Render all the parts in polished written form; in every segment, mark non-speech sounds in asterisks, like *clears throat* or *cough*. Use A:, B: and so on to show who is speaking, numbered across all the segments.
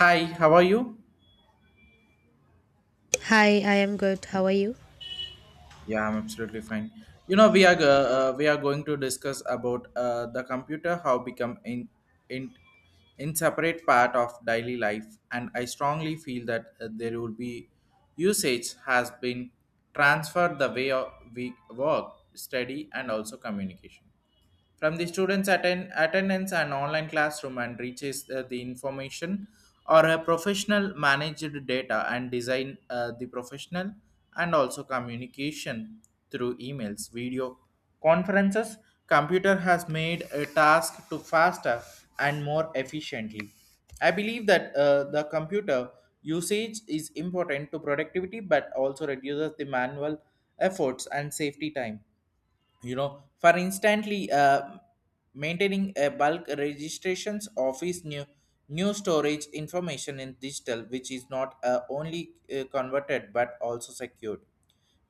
A: Hi, how are you?
B: Hi, I am good. How are you?
A: Yeah, I'm absolutely fine. You know, we are going to discuss about the computer how become in inseparate part of daily life, and I strongly feel that there will be usage has been transferred the way of we work, study, and also communication. From the students attend attendance and online classroom and reaches the information or a professional managed data and design the professional and also communication through emails video conferences computer has made a task to faster and more efficiently. I believe that the computer usage is important to productivity but also reduces the manual efforts and safety time. You know, for instantly maintaining a bulk registrations office new storage information in digital which is not only converted but also secured.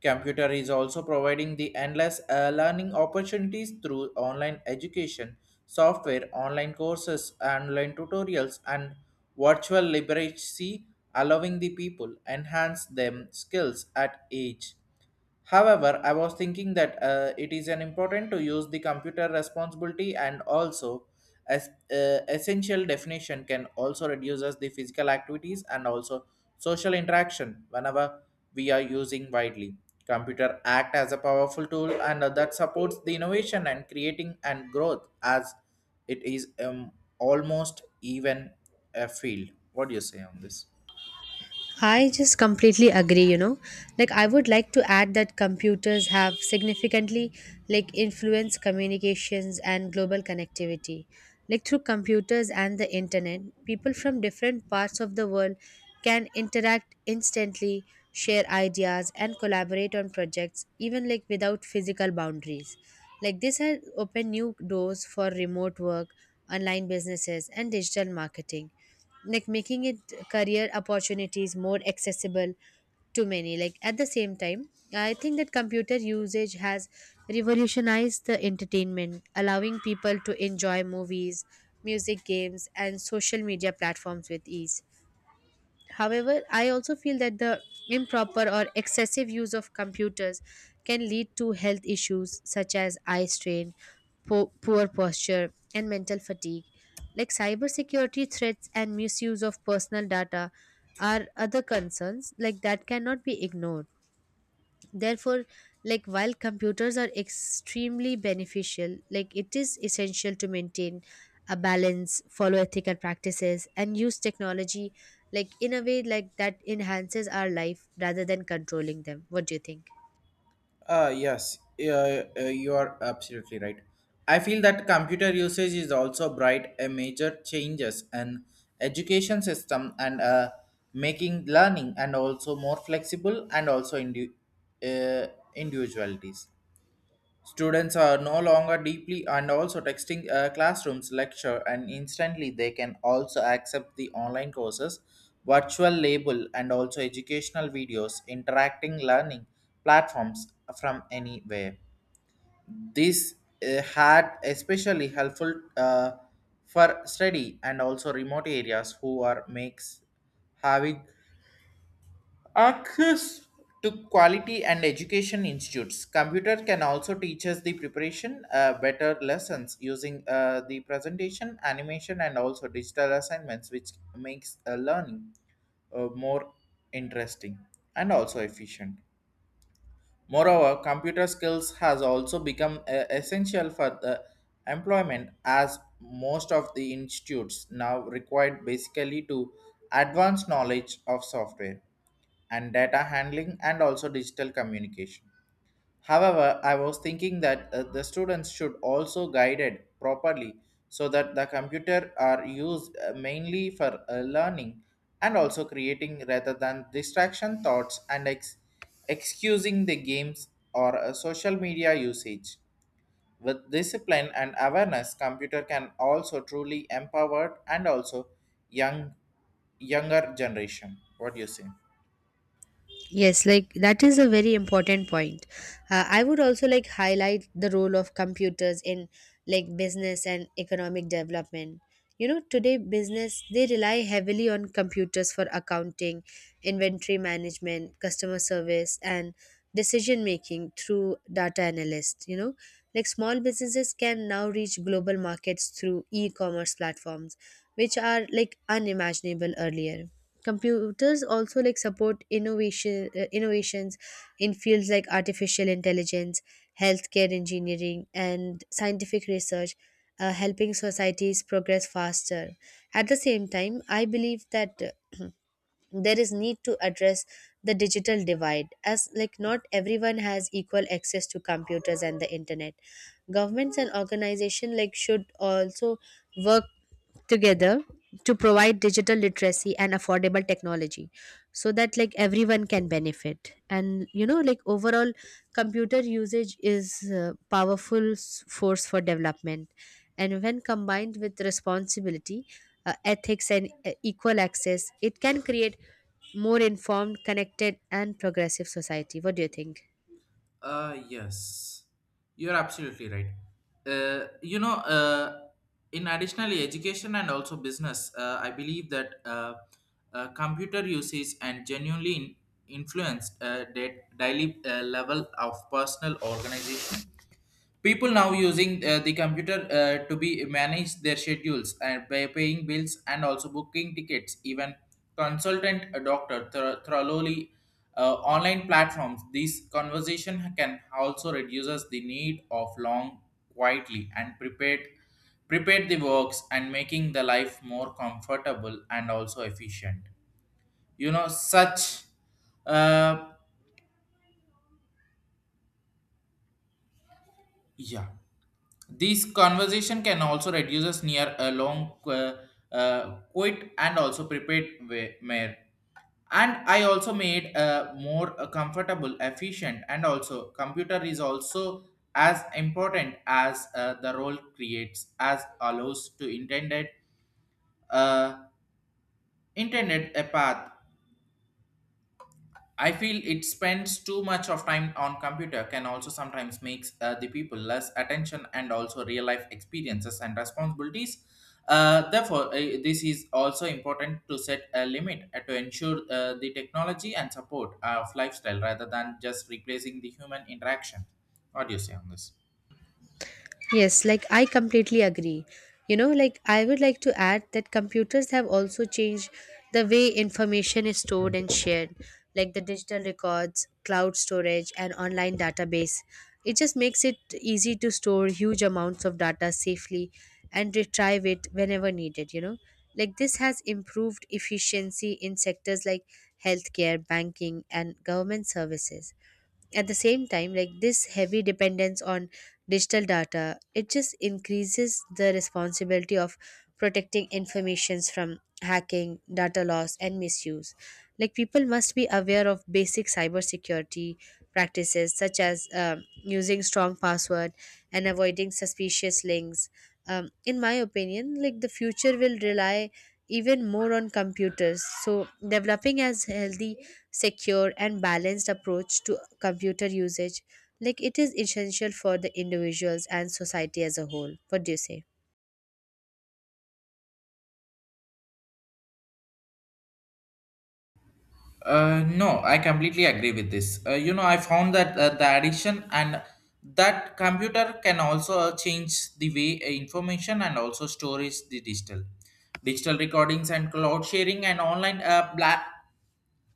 A: Computer is also providing the endless learning opportunities through online education software online courses online tutorials and virtual literacy allowing the people enhance them skills at age. However, I was thinking that it is an important to use the computer responsibility and also as essential definition can also reduces the physical activities and also social interaction whenever we are using widely. Computer act as a powerful tool and that supports the innovation and creating and growth as it is almost even a field. What do you say on this?
B: I just completely agree, you know. Like I would like to add that computers have significantly like influenced communications and global connectivity. Like through computers and the internet, people from different parts of the world can interact instantly, share ideas and collaborate on projects even like without physical boundaries. Like this has opened new doors for remote work, online businesses and digital marketing, like making it career opportunities more accessible to many, like at the same time I think that computer usage has revolutionized the entertainment, allowing people to enjoy movies, music, games and social media platforms with ease. However, I also feel that the improper or excessive use of computers can lead to health issues such as eye strain, poor posture, and mental fatigue. Like cybersecurity threats and misuse of personal data are other concerns like that cannot be ignored, therefore, like while computers are extremely beneficial, like it is essential to maintain a balance, follow ethical practices and use technology like in a way like that enhances our life rather than controlling them. What do you think?
A: Yes, you are absolutely right. I feel that computer usage is also bright a major changes and education system and making learning and also more flexible and also uh, individualities. Students are no longer deeply and also texting classrooms lecture and instantly they can also accept the online courses, virtual label and also educational videos, interacting learning platforms from anywhere. This had especially helpful for study and also remote areas who are makes having access to quality and education institutes. Computer can also teach us the preparation, better lessons using the presentation, animation, and also digital assignments, which makes learning more interesting and also efficient. Moreover, computer skills has also become essential for the employment as most of the institutes now required basically to advanced knowledge of software and data handling and also digital communication. However, I was thinking that the students should also guided properly so that the computer are used mainly for learning and also creating rather than distraction thoughts and excusing the games or social media usage. With discipline and awareness, computer can also truly empower and also young younger generation. What do you say?
B: Yes, like that is a very important point. I would also like highlight the role of computers in like business and economic development. You know, today business they rely heavily on computers for accounting, inventory management, customer service and decision making through data analysts, you know. Like small businesses can now reach global markets through e-commerce platforms which are like unimaginable earlier. Computers also like support innovation, innovations in fields like artificial intelligence, healthcare, engineering and scientific research, helping societies progress faster. At the same time I believe that *clears throat* there is need to address the digital divide, as like not everyone has equal access to computers and the internet. Governments and organizations like should also work together to provide digital literacy and affordable technology so that like everyone can benefit. And you know, like overall computer usage is a powerful force for development, and when combined with responsibility, ethics, and equal access, it can create more informed, connected, and progressive society. What do you think?
A: Yes, you're absolutely right. You know, in additionally education and also business, I believe that computer usage and genuinely influenced that daily level of personal organization. People now using the computer to be manage their schedules and by paying bills and also booking tickets even consultant a doctor thoroughly online platforms. These conversation can also reduces the need of long quietly and prepared the works and making the life more comfortable and also efficient. You know such uh, yeah, this conversation can also reduce us near a long quit and also prepared mare. And I also made a more comfortable, efficient, and also computer is also as important as the role creates as allows to uh, intended a path. I feel it spends too much of time on computer can also sometimes makes the people less attention and also real life experiences and responsibilities. Therefore, this is also important to set a limit to ensure the technology and support of lifestyle rather than just replacing the human interaction. What do you say on this?
B: Yes, like I completely agree. You know, like I would like to add that computers have also changed the way information is stored and shared, like the digital records, cloud storage, and online database. It just makes it easy to store huge amounts of data safely and retrieve it whenever needed, you know. Like this has improved efficiency in sectors like healthcare, banking, and government services. At the same time, like this heavy dependence on digital data, it just increases the responsibility of protecting informations from hacking, data loss and misuse. Like people must be aware of basic cybersecurity practices such as using strong password and avoiding suspicious links. In my opinion, like the future will rely even more on computers, so developing as healthy, secure and balanced approach to computer usage, like it is essential for the individuals and society as a whole. What do you say?
A: No, I completely agree with this. You know, I found that the addiction and that computer can also change the way information and also storage the digital recordings and cloud sharing and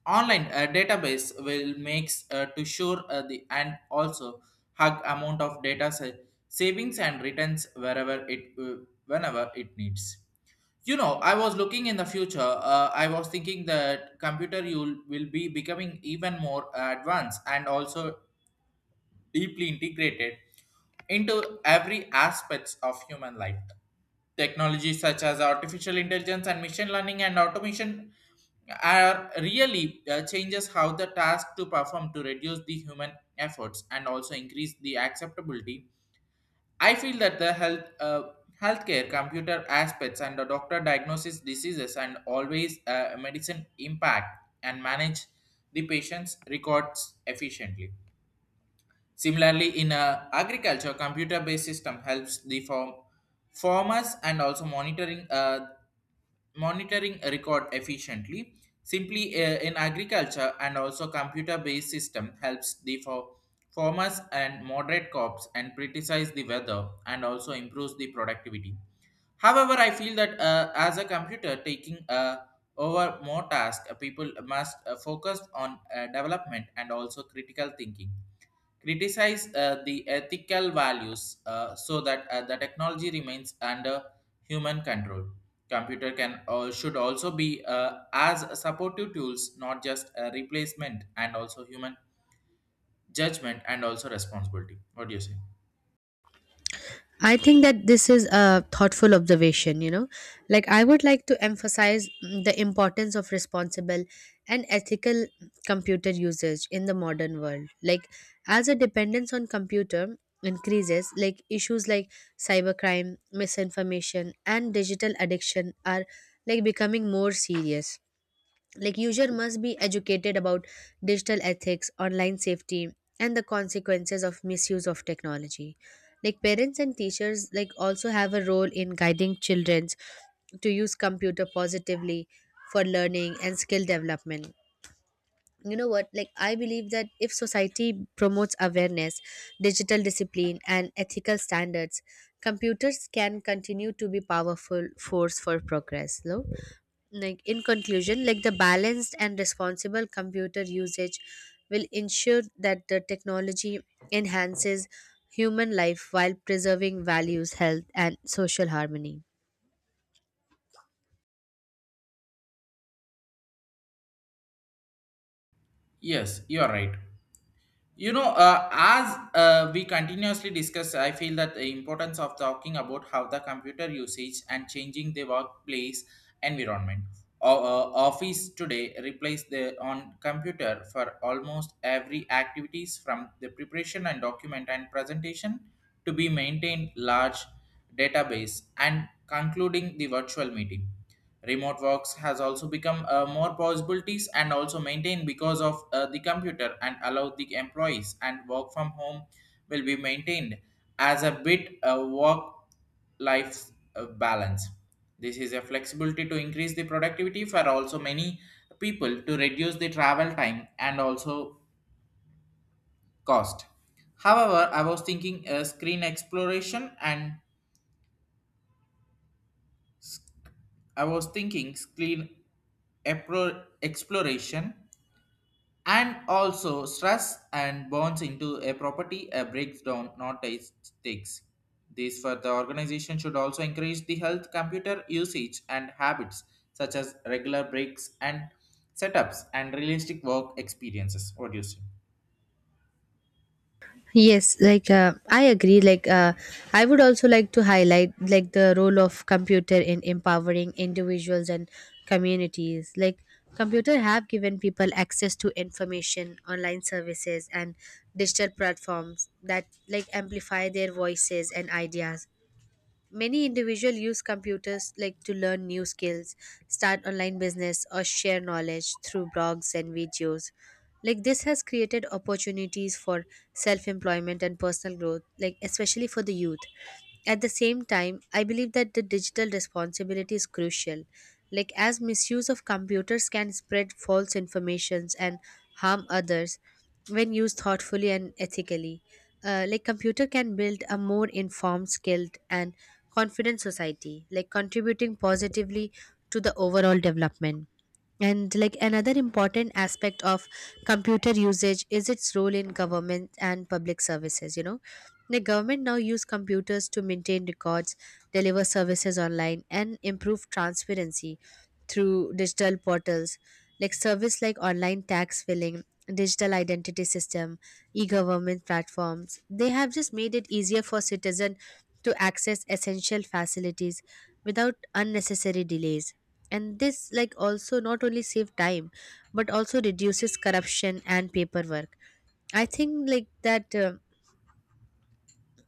A: online database will makes to sure the and also hug amount of data savings and returns wherever it whenever it needs. You know, I was looking in the future, I was thinking that computer will be becoming even more advanced and also deeply integrated into every aspects of human life. Technologies such as artificial intelligence and machine learning and automation are really changes how the task to perform to reduce the human efforts and also increase the acceptability. I feel that the healthcare computer aspects and the doctor diagnoses diseases and always medicine impact and manage the patient's records efficiently. Similarly, in agriculture, computer-based system helps the farmers and also monitoring a record efficiently. Simply in agriculture and also computer based system helps the for farmers and moderate crops and criticize the weather and also improves the productivity. However, I feel that as a computer taking over more tasks people must focus on development and also critical thinking criticize the ethical values so that the technology remains under human control. Computer can should also be as supportive tools, not just a replacement, and also human judgment and also responsibility. What do you say?
B: I think that this is a thoughtful observation, you know. Like I would like to emphasize the importance of responsible and ethical computer usage in the modern world, like as a dependence on computer increases, like issues like cybercrime, misinformation and digital addiction are like becoming more serious. Like user must be educated about digital ethics, online safety and the consequences of misuse of technology. Like parents and teachers like also have a role in guiding childrens to use computer positively for learning and skill development. You know what, like I believe that if society promotes awareness, digital discipline and ethical standards, computers can continue to be powerful force for progress. No, like in conclusion, like the balanced and responsible computer usage will ensure that the technology enhances human life while preserving values, health and social harmony.
A: Yes, you are right. You know, as we continuously discuss I feel that the importance of talking about how the computer usage and changing the workplace environment. Office today replace the on computer for almost every activities from the preparation and document and presentation to be maintained large database and concluding the virtual meeting. Remote works has also become more possibilities and also maintained because of the computer and allow the employees and work from home will be maintained as a bit a work life balance. This is a flexibility to increase the productivity for also many people to reduce the travel time and also cost. However, I was thinking screen exploration and I was thinking screen exploration and also stress and bonds into a property a breakdown not a stakes. This for the organization should also encourage the health computer usage and habits such as regular breaks and setups and realistic work experiences. What do you say?
B: Yes, like I agree. Like, I would also like to highlight like the role of computer in empowering individuals and communities. Like computer have given people access to information, online services, and digital platforms that like amplify their voices and ideas. Many individuals use computers like to learn new skills, start online business or share knowledge through blogs and videos. Like this has created opportunities for self-employment and personal growth, like especially for the youth. At the same time, I believe that the digital responsibility is crucial, like as misuse of computers can spread false informations and harm others, when used thoughtfully and ethically. Like computer can build a more informed, skilled, and confident society, like contributing positively to the overall development. And like another important aspect of computer usage is its role in government and public services, you know. The government now use computers to maintain records, deliver services online, and improve transparency through digital portals, like service like online tax filing, digital identity system, e-government platforms. They have just made it easier for citizen to access essential facilities without unnecessary delays, and this like also not only save time but also reduces corruption and paperwork. I think like that, uh,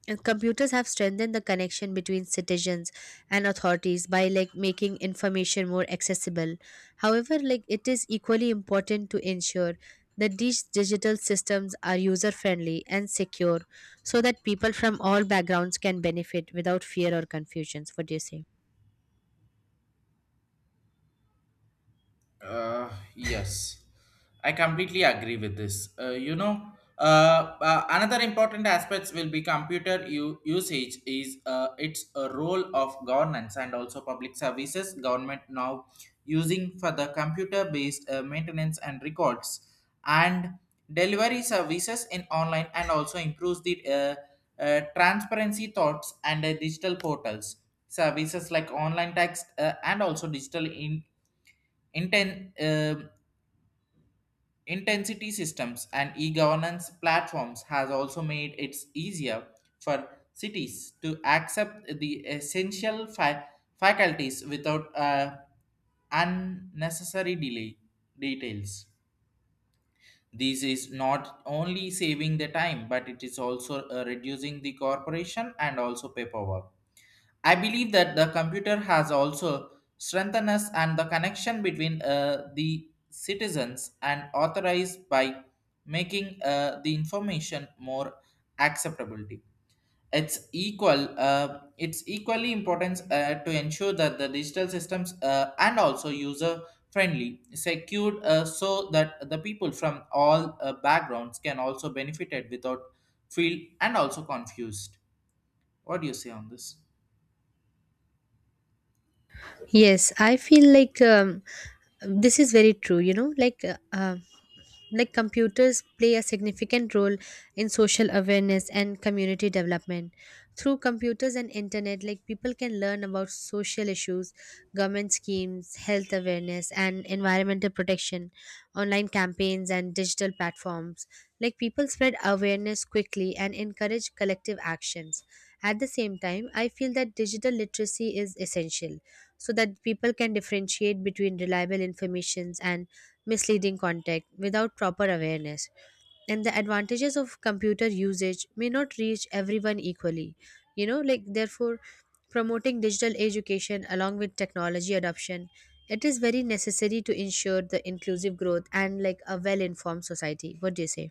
B: and computers have strengthened the connection between citizens and authorities by like making information more accessible. However, like it is equally important to ensure that these digital systems are user friendly and secure so that people from all backgrounds can benefit without fear or confusions. What do you say?
A: Yes, I completely agree with this. You know, another important aspects will be computer usage is its a role of governance and also public services. Government now using for the computer-based maintenance and records and delivery services in online and also improves the transparency thoughts and digital portals. Services like online text and also digital in Inten- um intensity systems and e-governance platforms has also made it easier for cities to accept the essential faculties without unnecessary delay details. This is not only saving the time, but it is also reducing the corporation and also paperwork. I believe that the computer has also strengthened us and the connection between the citizens and authorized by making the information more acceptability. It's equally important to ensure that the digital systems and also user friendly, secured, so that the people from all backgrounds can also benefit it without feel and also confused. What do you say on this?
B: Yes, I feel like this is very true. You know, like, like computers play a significant role in social awareness and community development. Through computers and internet, like people can learn about social issues, government schemes, health awareness, and environmental protection, online campaigns, and digital platforms. Like people spread awareness quickly and encourage collective actions. At the same time, I feel that digital literacy is essential so that people can differentiate between reliable informations and misleading content. Without proper awareness, and the advantages of computer usage may not reach everyone equally, you know. Like therefore, promoting digital education along with technology adoption, it is very necessary to ensure the inclusive growth and like a well informed society. What do you say?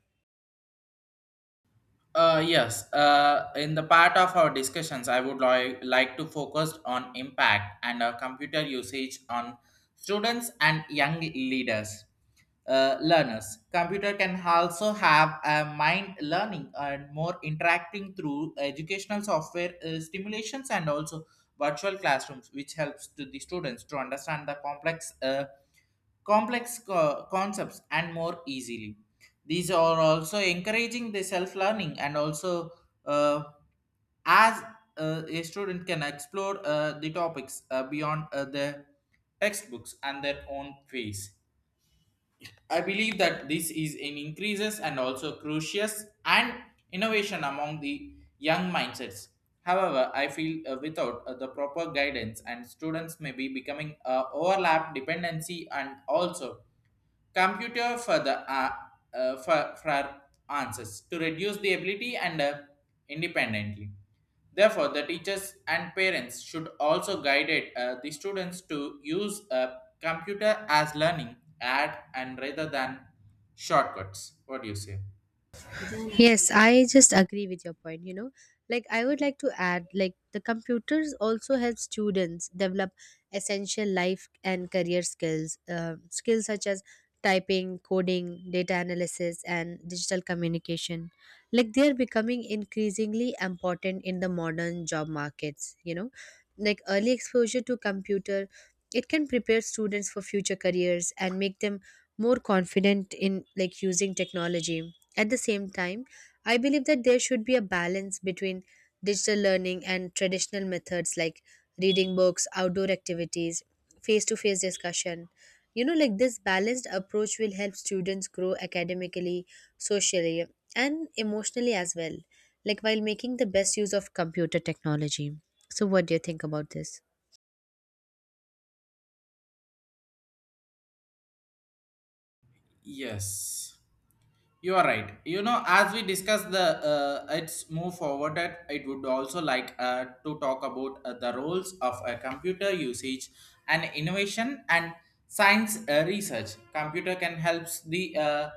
A: Yes, in the part of our discussions, I would like to focus on impact and computer usage on students and young leaders, learners. Computer can also have a mind learning and more interacting through educational software stimulations and also virtual classrooms, which helps to the students to understand the complex. Complex concepts and more easily. These are also encouraging the self learning and also uh, as a student can explore the topics beyond the textbooks and their own pace. I believe that this is an increases and also crucial and innovation among the young mindsets. However, I feel without the proper guidance and students may be becoming overlap dependency and also computer for the for answers to reduce the ability and independently. Therefore the teachers and parents should also guide the students to use a computer as learning add and rather than shortcuts. What do you say?
B: Yes, I just agree with your point. You know, like I would like to add, like the computers also help students develop essential life and career skills, skills such as typing, coding, data analysis, and digital communication. Like they are becoming increasingly important in the modern job markets. You know, like early exposure to computer, it can prepare students for future careers and make them more confident in like using technology. At the same time I believe that there should be a balance between digital learning and traditional methods like reading books, outdoor activities, face to face discussion. You know, like this balanced approach will help students grow academically, socially, and emotionally as well, like while making the best use of computer technology. So, what do you think about this?
A: Yes, you are right. You know, as we discuss the its move forward, that it would also like to talk about the roles of a computer usage and innovation and science research. Computer can helps the uh,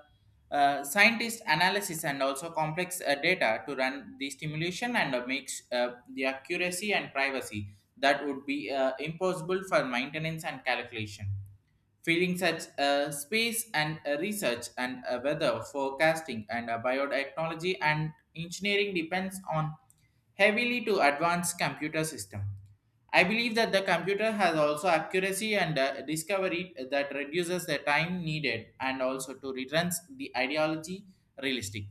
A: uh, scientist analysis and also complex data to run the stimulation and makes the accuracy and privacy that would be impossible for maintenance and calculation. Feeling such a space and a research and a weather forecasting and a biotechnology and engineering depends on heavily to advanced computer system. I believe that the computer has also accuracy and discovery that reduces the time needed and also to returns the ideology realistic.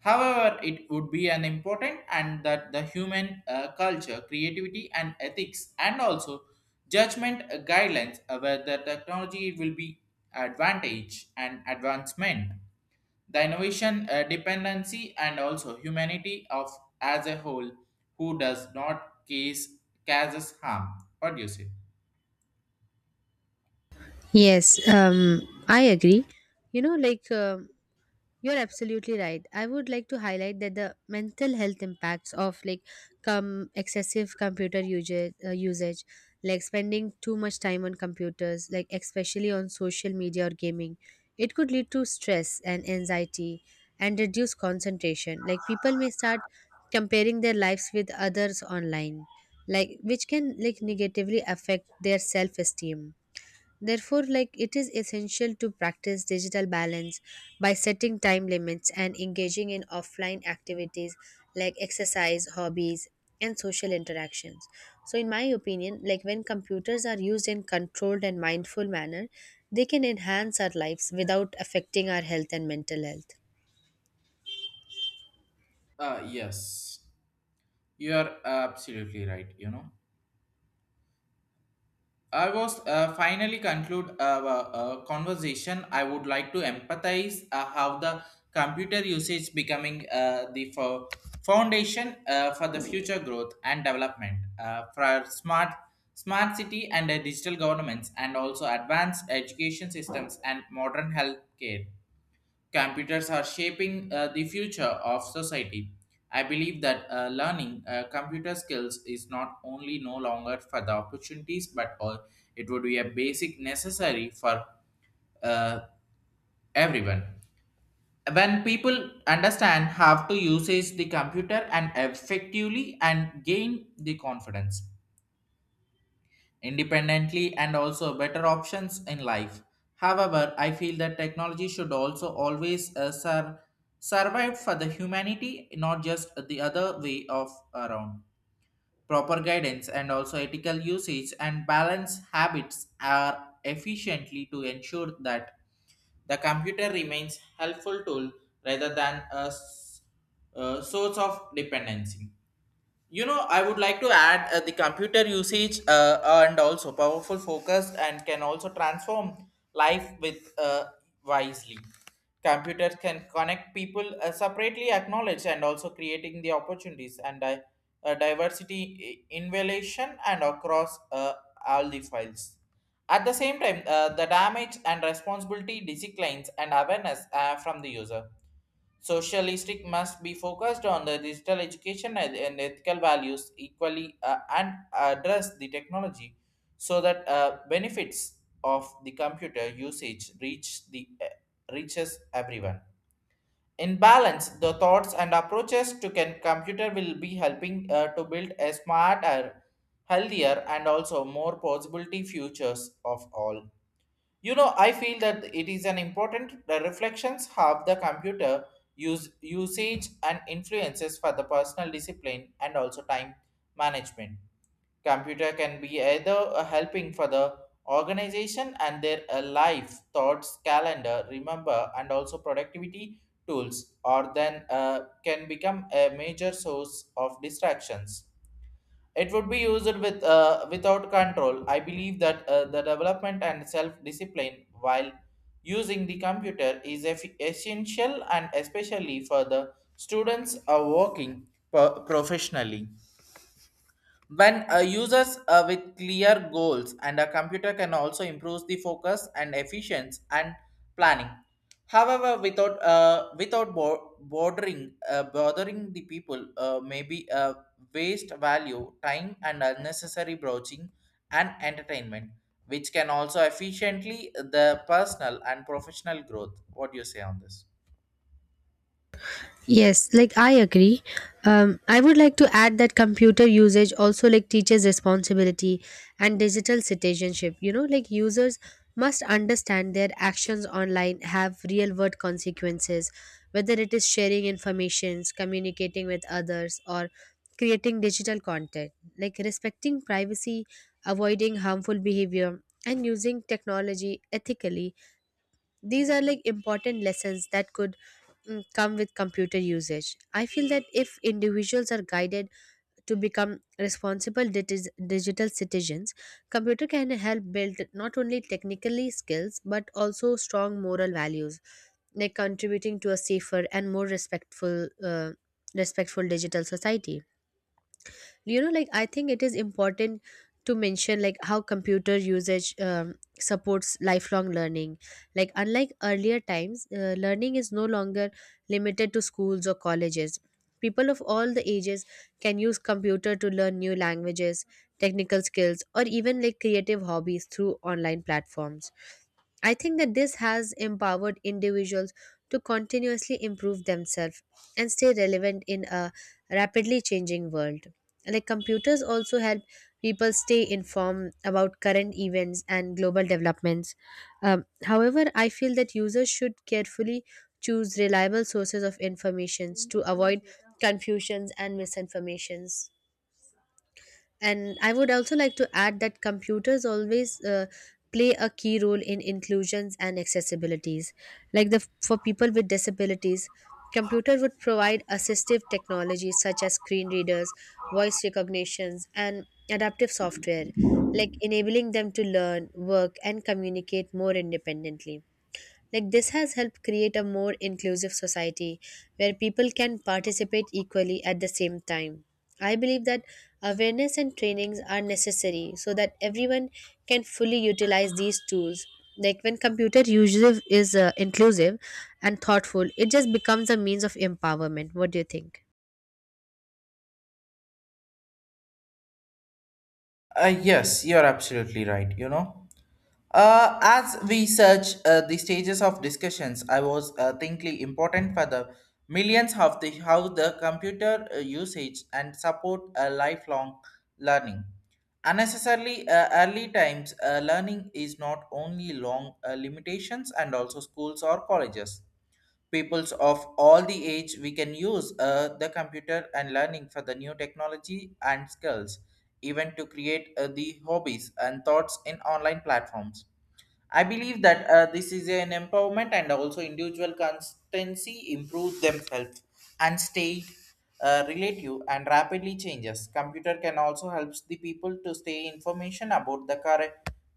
A: However, it would be an important and that the human culture, creativity, and ethics, and also judgment guidelines where the technology will be advantage and advancement. The innovation dependency and also humanity of as a whole who does not case causes harm. What do you say?
B: Yes, I agree. You know, like, you're absolutely right. I would like to highlight that the mental health impacts of like excessive computer usage, like spending too much time on computers, like especially on social media or gaming, it could lead to stress and anxiety and reduce concentration. Like people may start comparing their lives with others online, like which can like negatively affect their self-esteem. Therefore, like it is essential to practice digital balance by setting time limits and engaging in offline activities like exercise, hobbies, and social interactions. So, in my opinion, like when computers are used in controlled and mindful manner, they can enhance our lives without affecting our health and mental health.
A: Yes, you are absolutely right. You know, I was finally conclude a conversation. I would like to empathize how the computer usage becoming the foundation for the future growth and development for smart city and digital governments and also advanced education systems and modern healthcare. Computers are shaping the future of society. I believe that learning computer skills is not only no longer for the opportunities, but it would be a basic necessary for uh, everyone. When people understand how to use the computer and effectively and gain the confidence, independently and also better options in life. However, I feel that technology should also always survive for the humanity, not just the other way of around. Proper guidance and also ethical usage and balance habits are efficiently to ensure that the computer remains helpful tool rather than a source of dependency. You know, I would like to add the computer usage and also powerful focus and can also transform life with wisely. Computers can connect people separately, acknowledge, and also creating the opportunities and diversity invaluation and across all the files. At the same time, the damage and responsibility declines and awareness from the user socialistic must be focused on the digital education and ethical values equally and address the technology so that benefits of the computer usage reach the reaches everyone. In balance, the thoughts and approaches to can computer will be helping to build a smarter, healthier, and also more possibility futures of all. You know, I feel that it is an important the reflections have the computer use usage and influences for the personal discipline and also time management. Computer can be either a helping for the organization and their life, thoughts, calendar, remember, and also productivity tools, or then can become a major source of distractions it would be used with without control. I believe that the development and self-discipline while using the computer is essential and especially for the students are working professionally. When users with clear goals and a computer can also improve the focus and efficiency and planning. However, without bo- bordering bothering the people, maybe waste value, time, and unnecessary broaching and entertainment, which can also efficiently the personal and professional growth. What do you say on this?
B: Yes, like I agree. I would like to add that computer usage also like teaches responsibility and digital citizenship. You know, like users must understand their actions online have real world consequences, whether it is sharing informations, communicating with others, or creating digital content. Like respecting privacy, avoiding harmful behavior, and using technology ethically, these are like important lessons that could come with computer usage. I feel that if individuals are guided to become responsible digital citizens, computer can help build not only technically skills but also strong moral values, like contributing to a safer and more respectful digital society. You know, like I think it is important to mention like how computer usage supports lifelong learning, like unlike earlier times, learning is no longer limited to schools or colleges. People of all the ages can use computer to learn new languages, technical skills or even like creative hobbies through online platforms. I think that this has empowered individuals to continuously improve themselves and stay relevant in a rapidly changing world. Like computers also help people stay informed about current events and global developments. However, I feel that users should carefully choose reliable sources of information to avoid confusions and misinformations. And I would also like to add that computers always play a key role in inclusions and accessibilities, like the for people with disabilities, computer would provide assistive technologies such as screen readers, voice recognitions and adaptive software, like enabling them to learn, work and communicate more independently. Like this has helped create a more inclusive society where people can participate equally. At the same time, I believe that awareness and trainings are necessary so that everyone can fully utilize these tools. Like when computer usage is inclusive and thoughtful, it just becomes a means of empowerment. What do you think?
A: Yes, you're absolutely right, you know. As we search the stages of discussions, I was thinking important for the millions of the how the computer usage and support a lifelong learning. Unnecessarily early times learning is not only long limitations and also schools or colleges peoples of all the age we can use the computer and learning for the new technology and skills even to create the hobbies and thoughts in online platforms. I believe that this is an empowerment and also individual constancy improve themselves and stay relative and rapidly changes computer can also helps the people to stay information about the current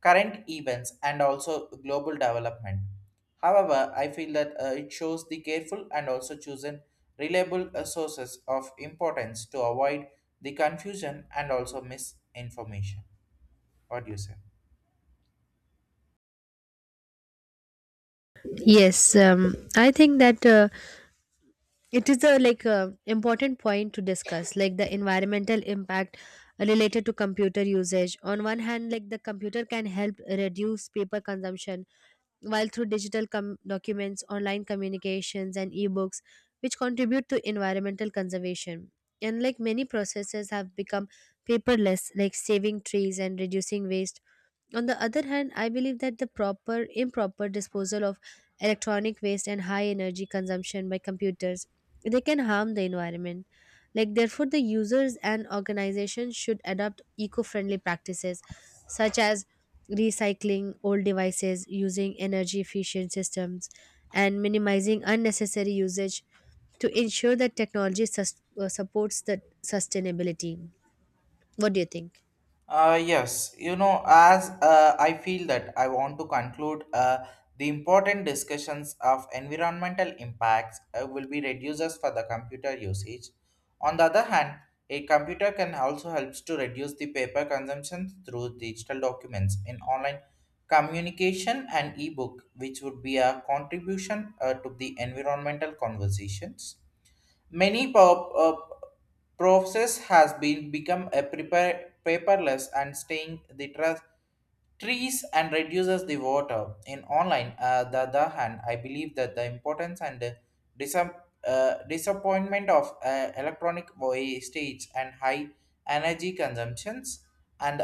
A: current events and also global development. However, I feel that it shows the careful and also chosen reliable sources of importance to avoid the confusion and also misinformation. What do you say?
B: Yes, I think that it is a like a important point to discuss like the environmental impact related to computer usage. On one hand, like the computer can help reduce paper consumption, while through digital documents, online communications and ebooks, which contribute to environmental conservation, and like many processes have become paperless, like saving trees and reducing waste. On the other hand, I believe that the proper improper disposal of electronic waste and high energy consumption by computers, they can harm the environment. Like therefore the users and organizations should adopt eco-friendly practices such as recycling old devices, using energy efficient systems and minimizing unnecessary usage to ensure that technology supports the sustainability. What do you think?
A: Yes, you know, as I feel that I want to conclude the important discussions of environmental impacts will be reduces for the computer usage. On the other hand, a computer can also helps to reduce the paper consumption through digital documents in online communication and ebook, which would be a contribution to the environmental conversations. Many pop, uh, Process has been become a prepare, paperless and staying the trust trees and reduces the water. In online, the other hand, I believe that the importance and the disap- disappointment of electronic wastage and high energy consumptions and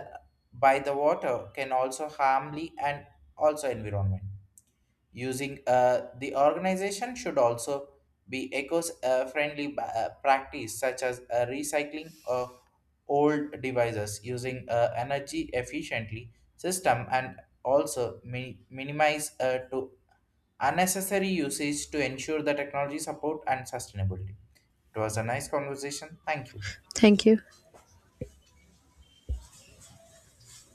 A: by the water can also harmly and also environment. Using the organization should also be eco-friendly practice such as recycling of old devices, using energy efficiently system, and also minimize to unnecessary usage to ensure the technology support and sustainability. It was a nice conversation. Thank you.
B: Thank you.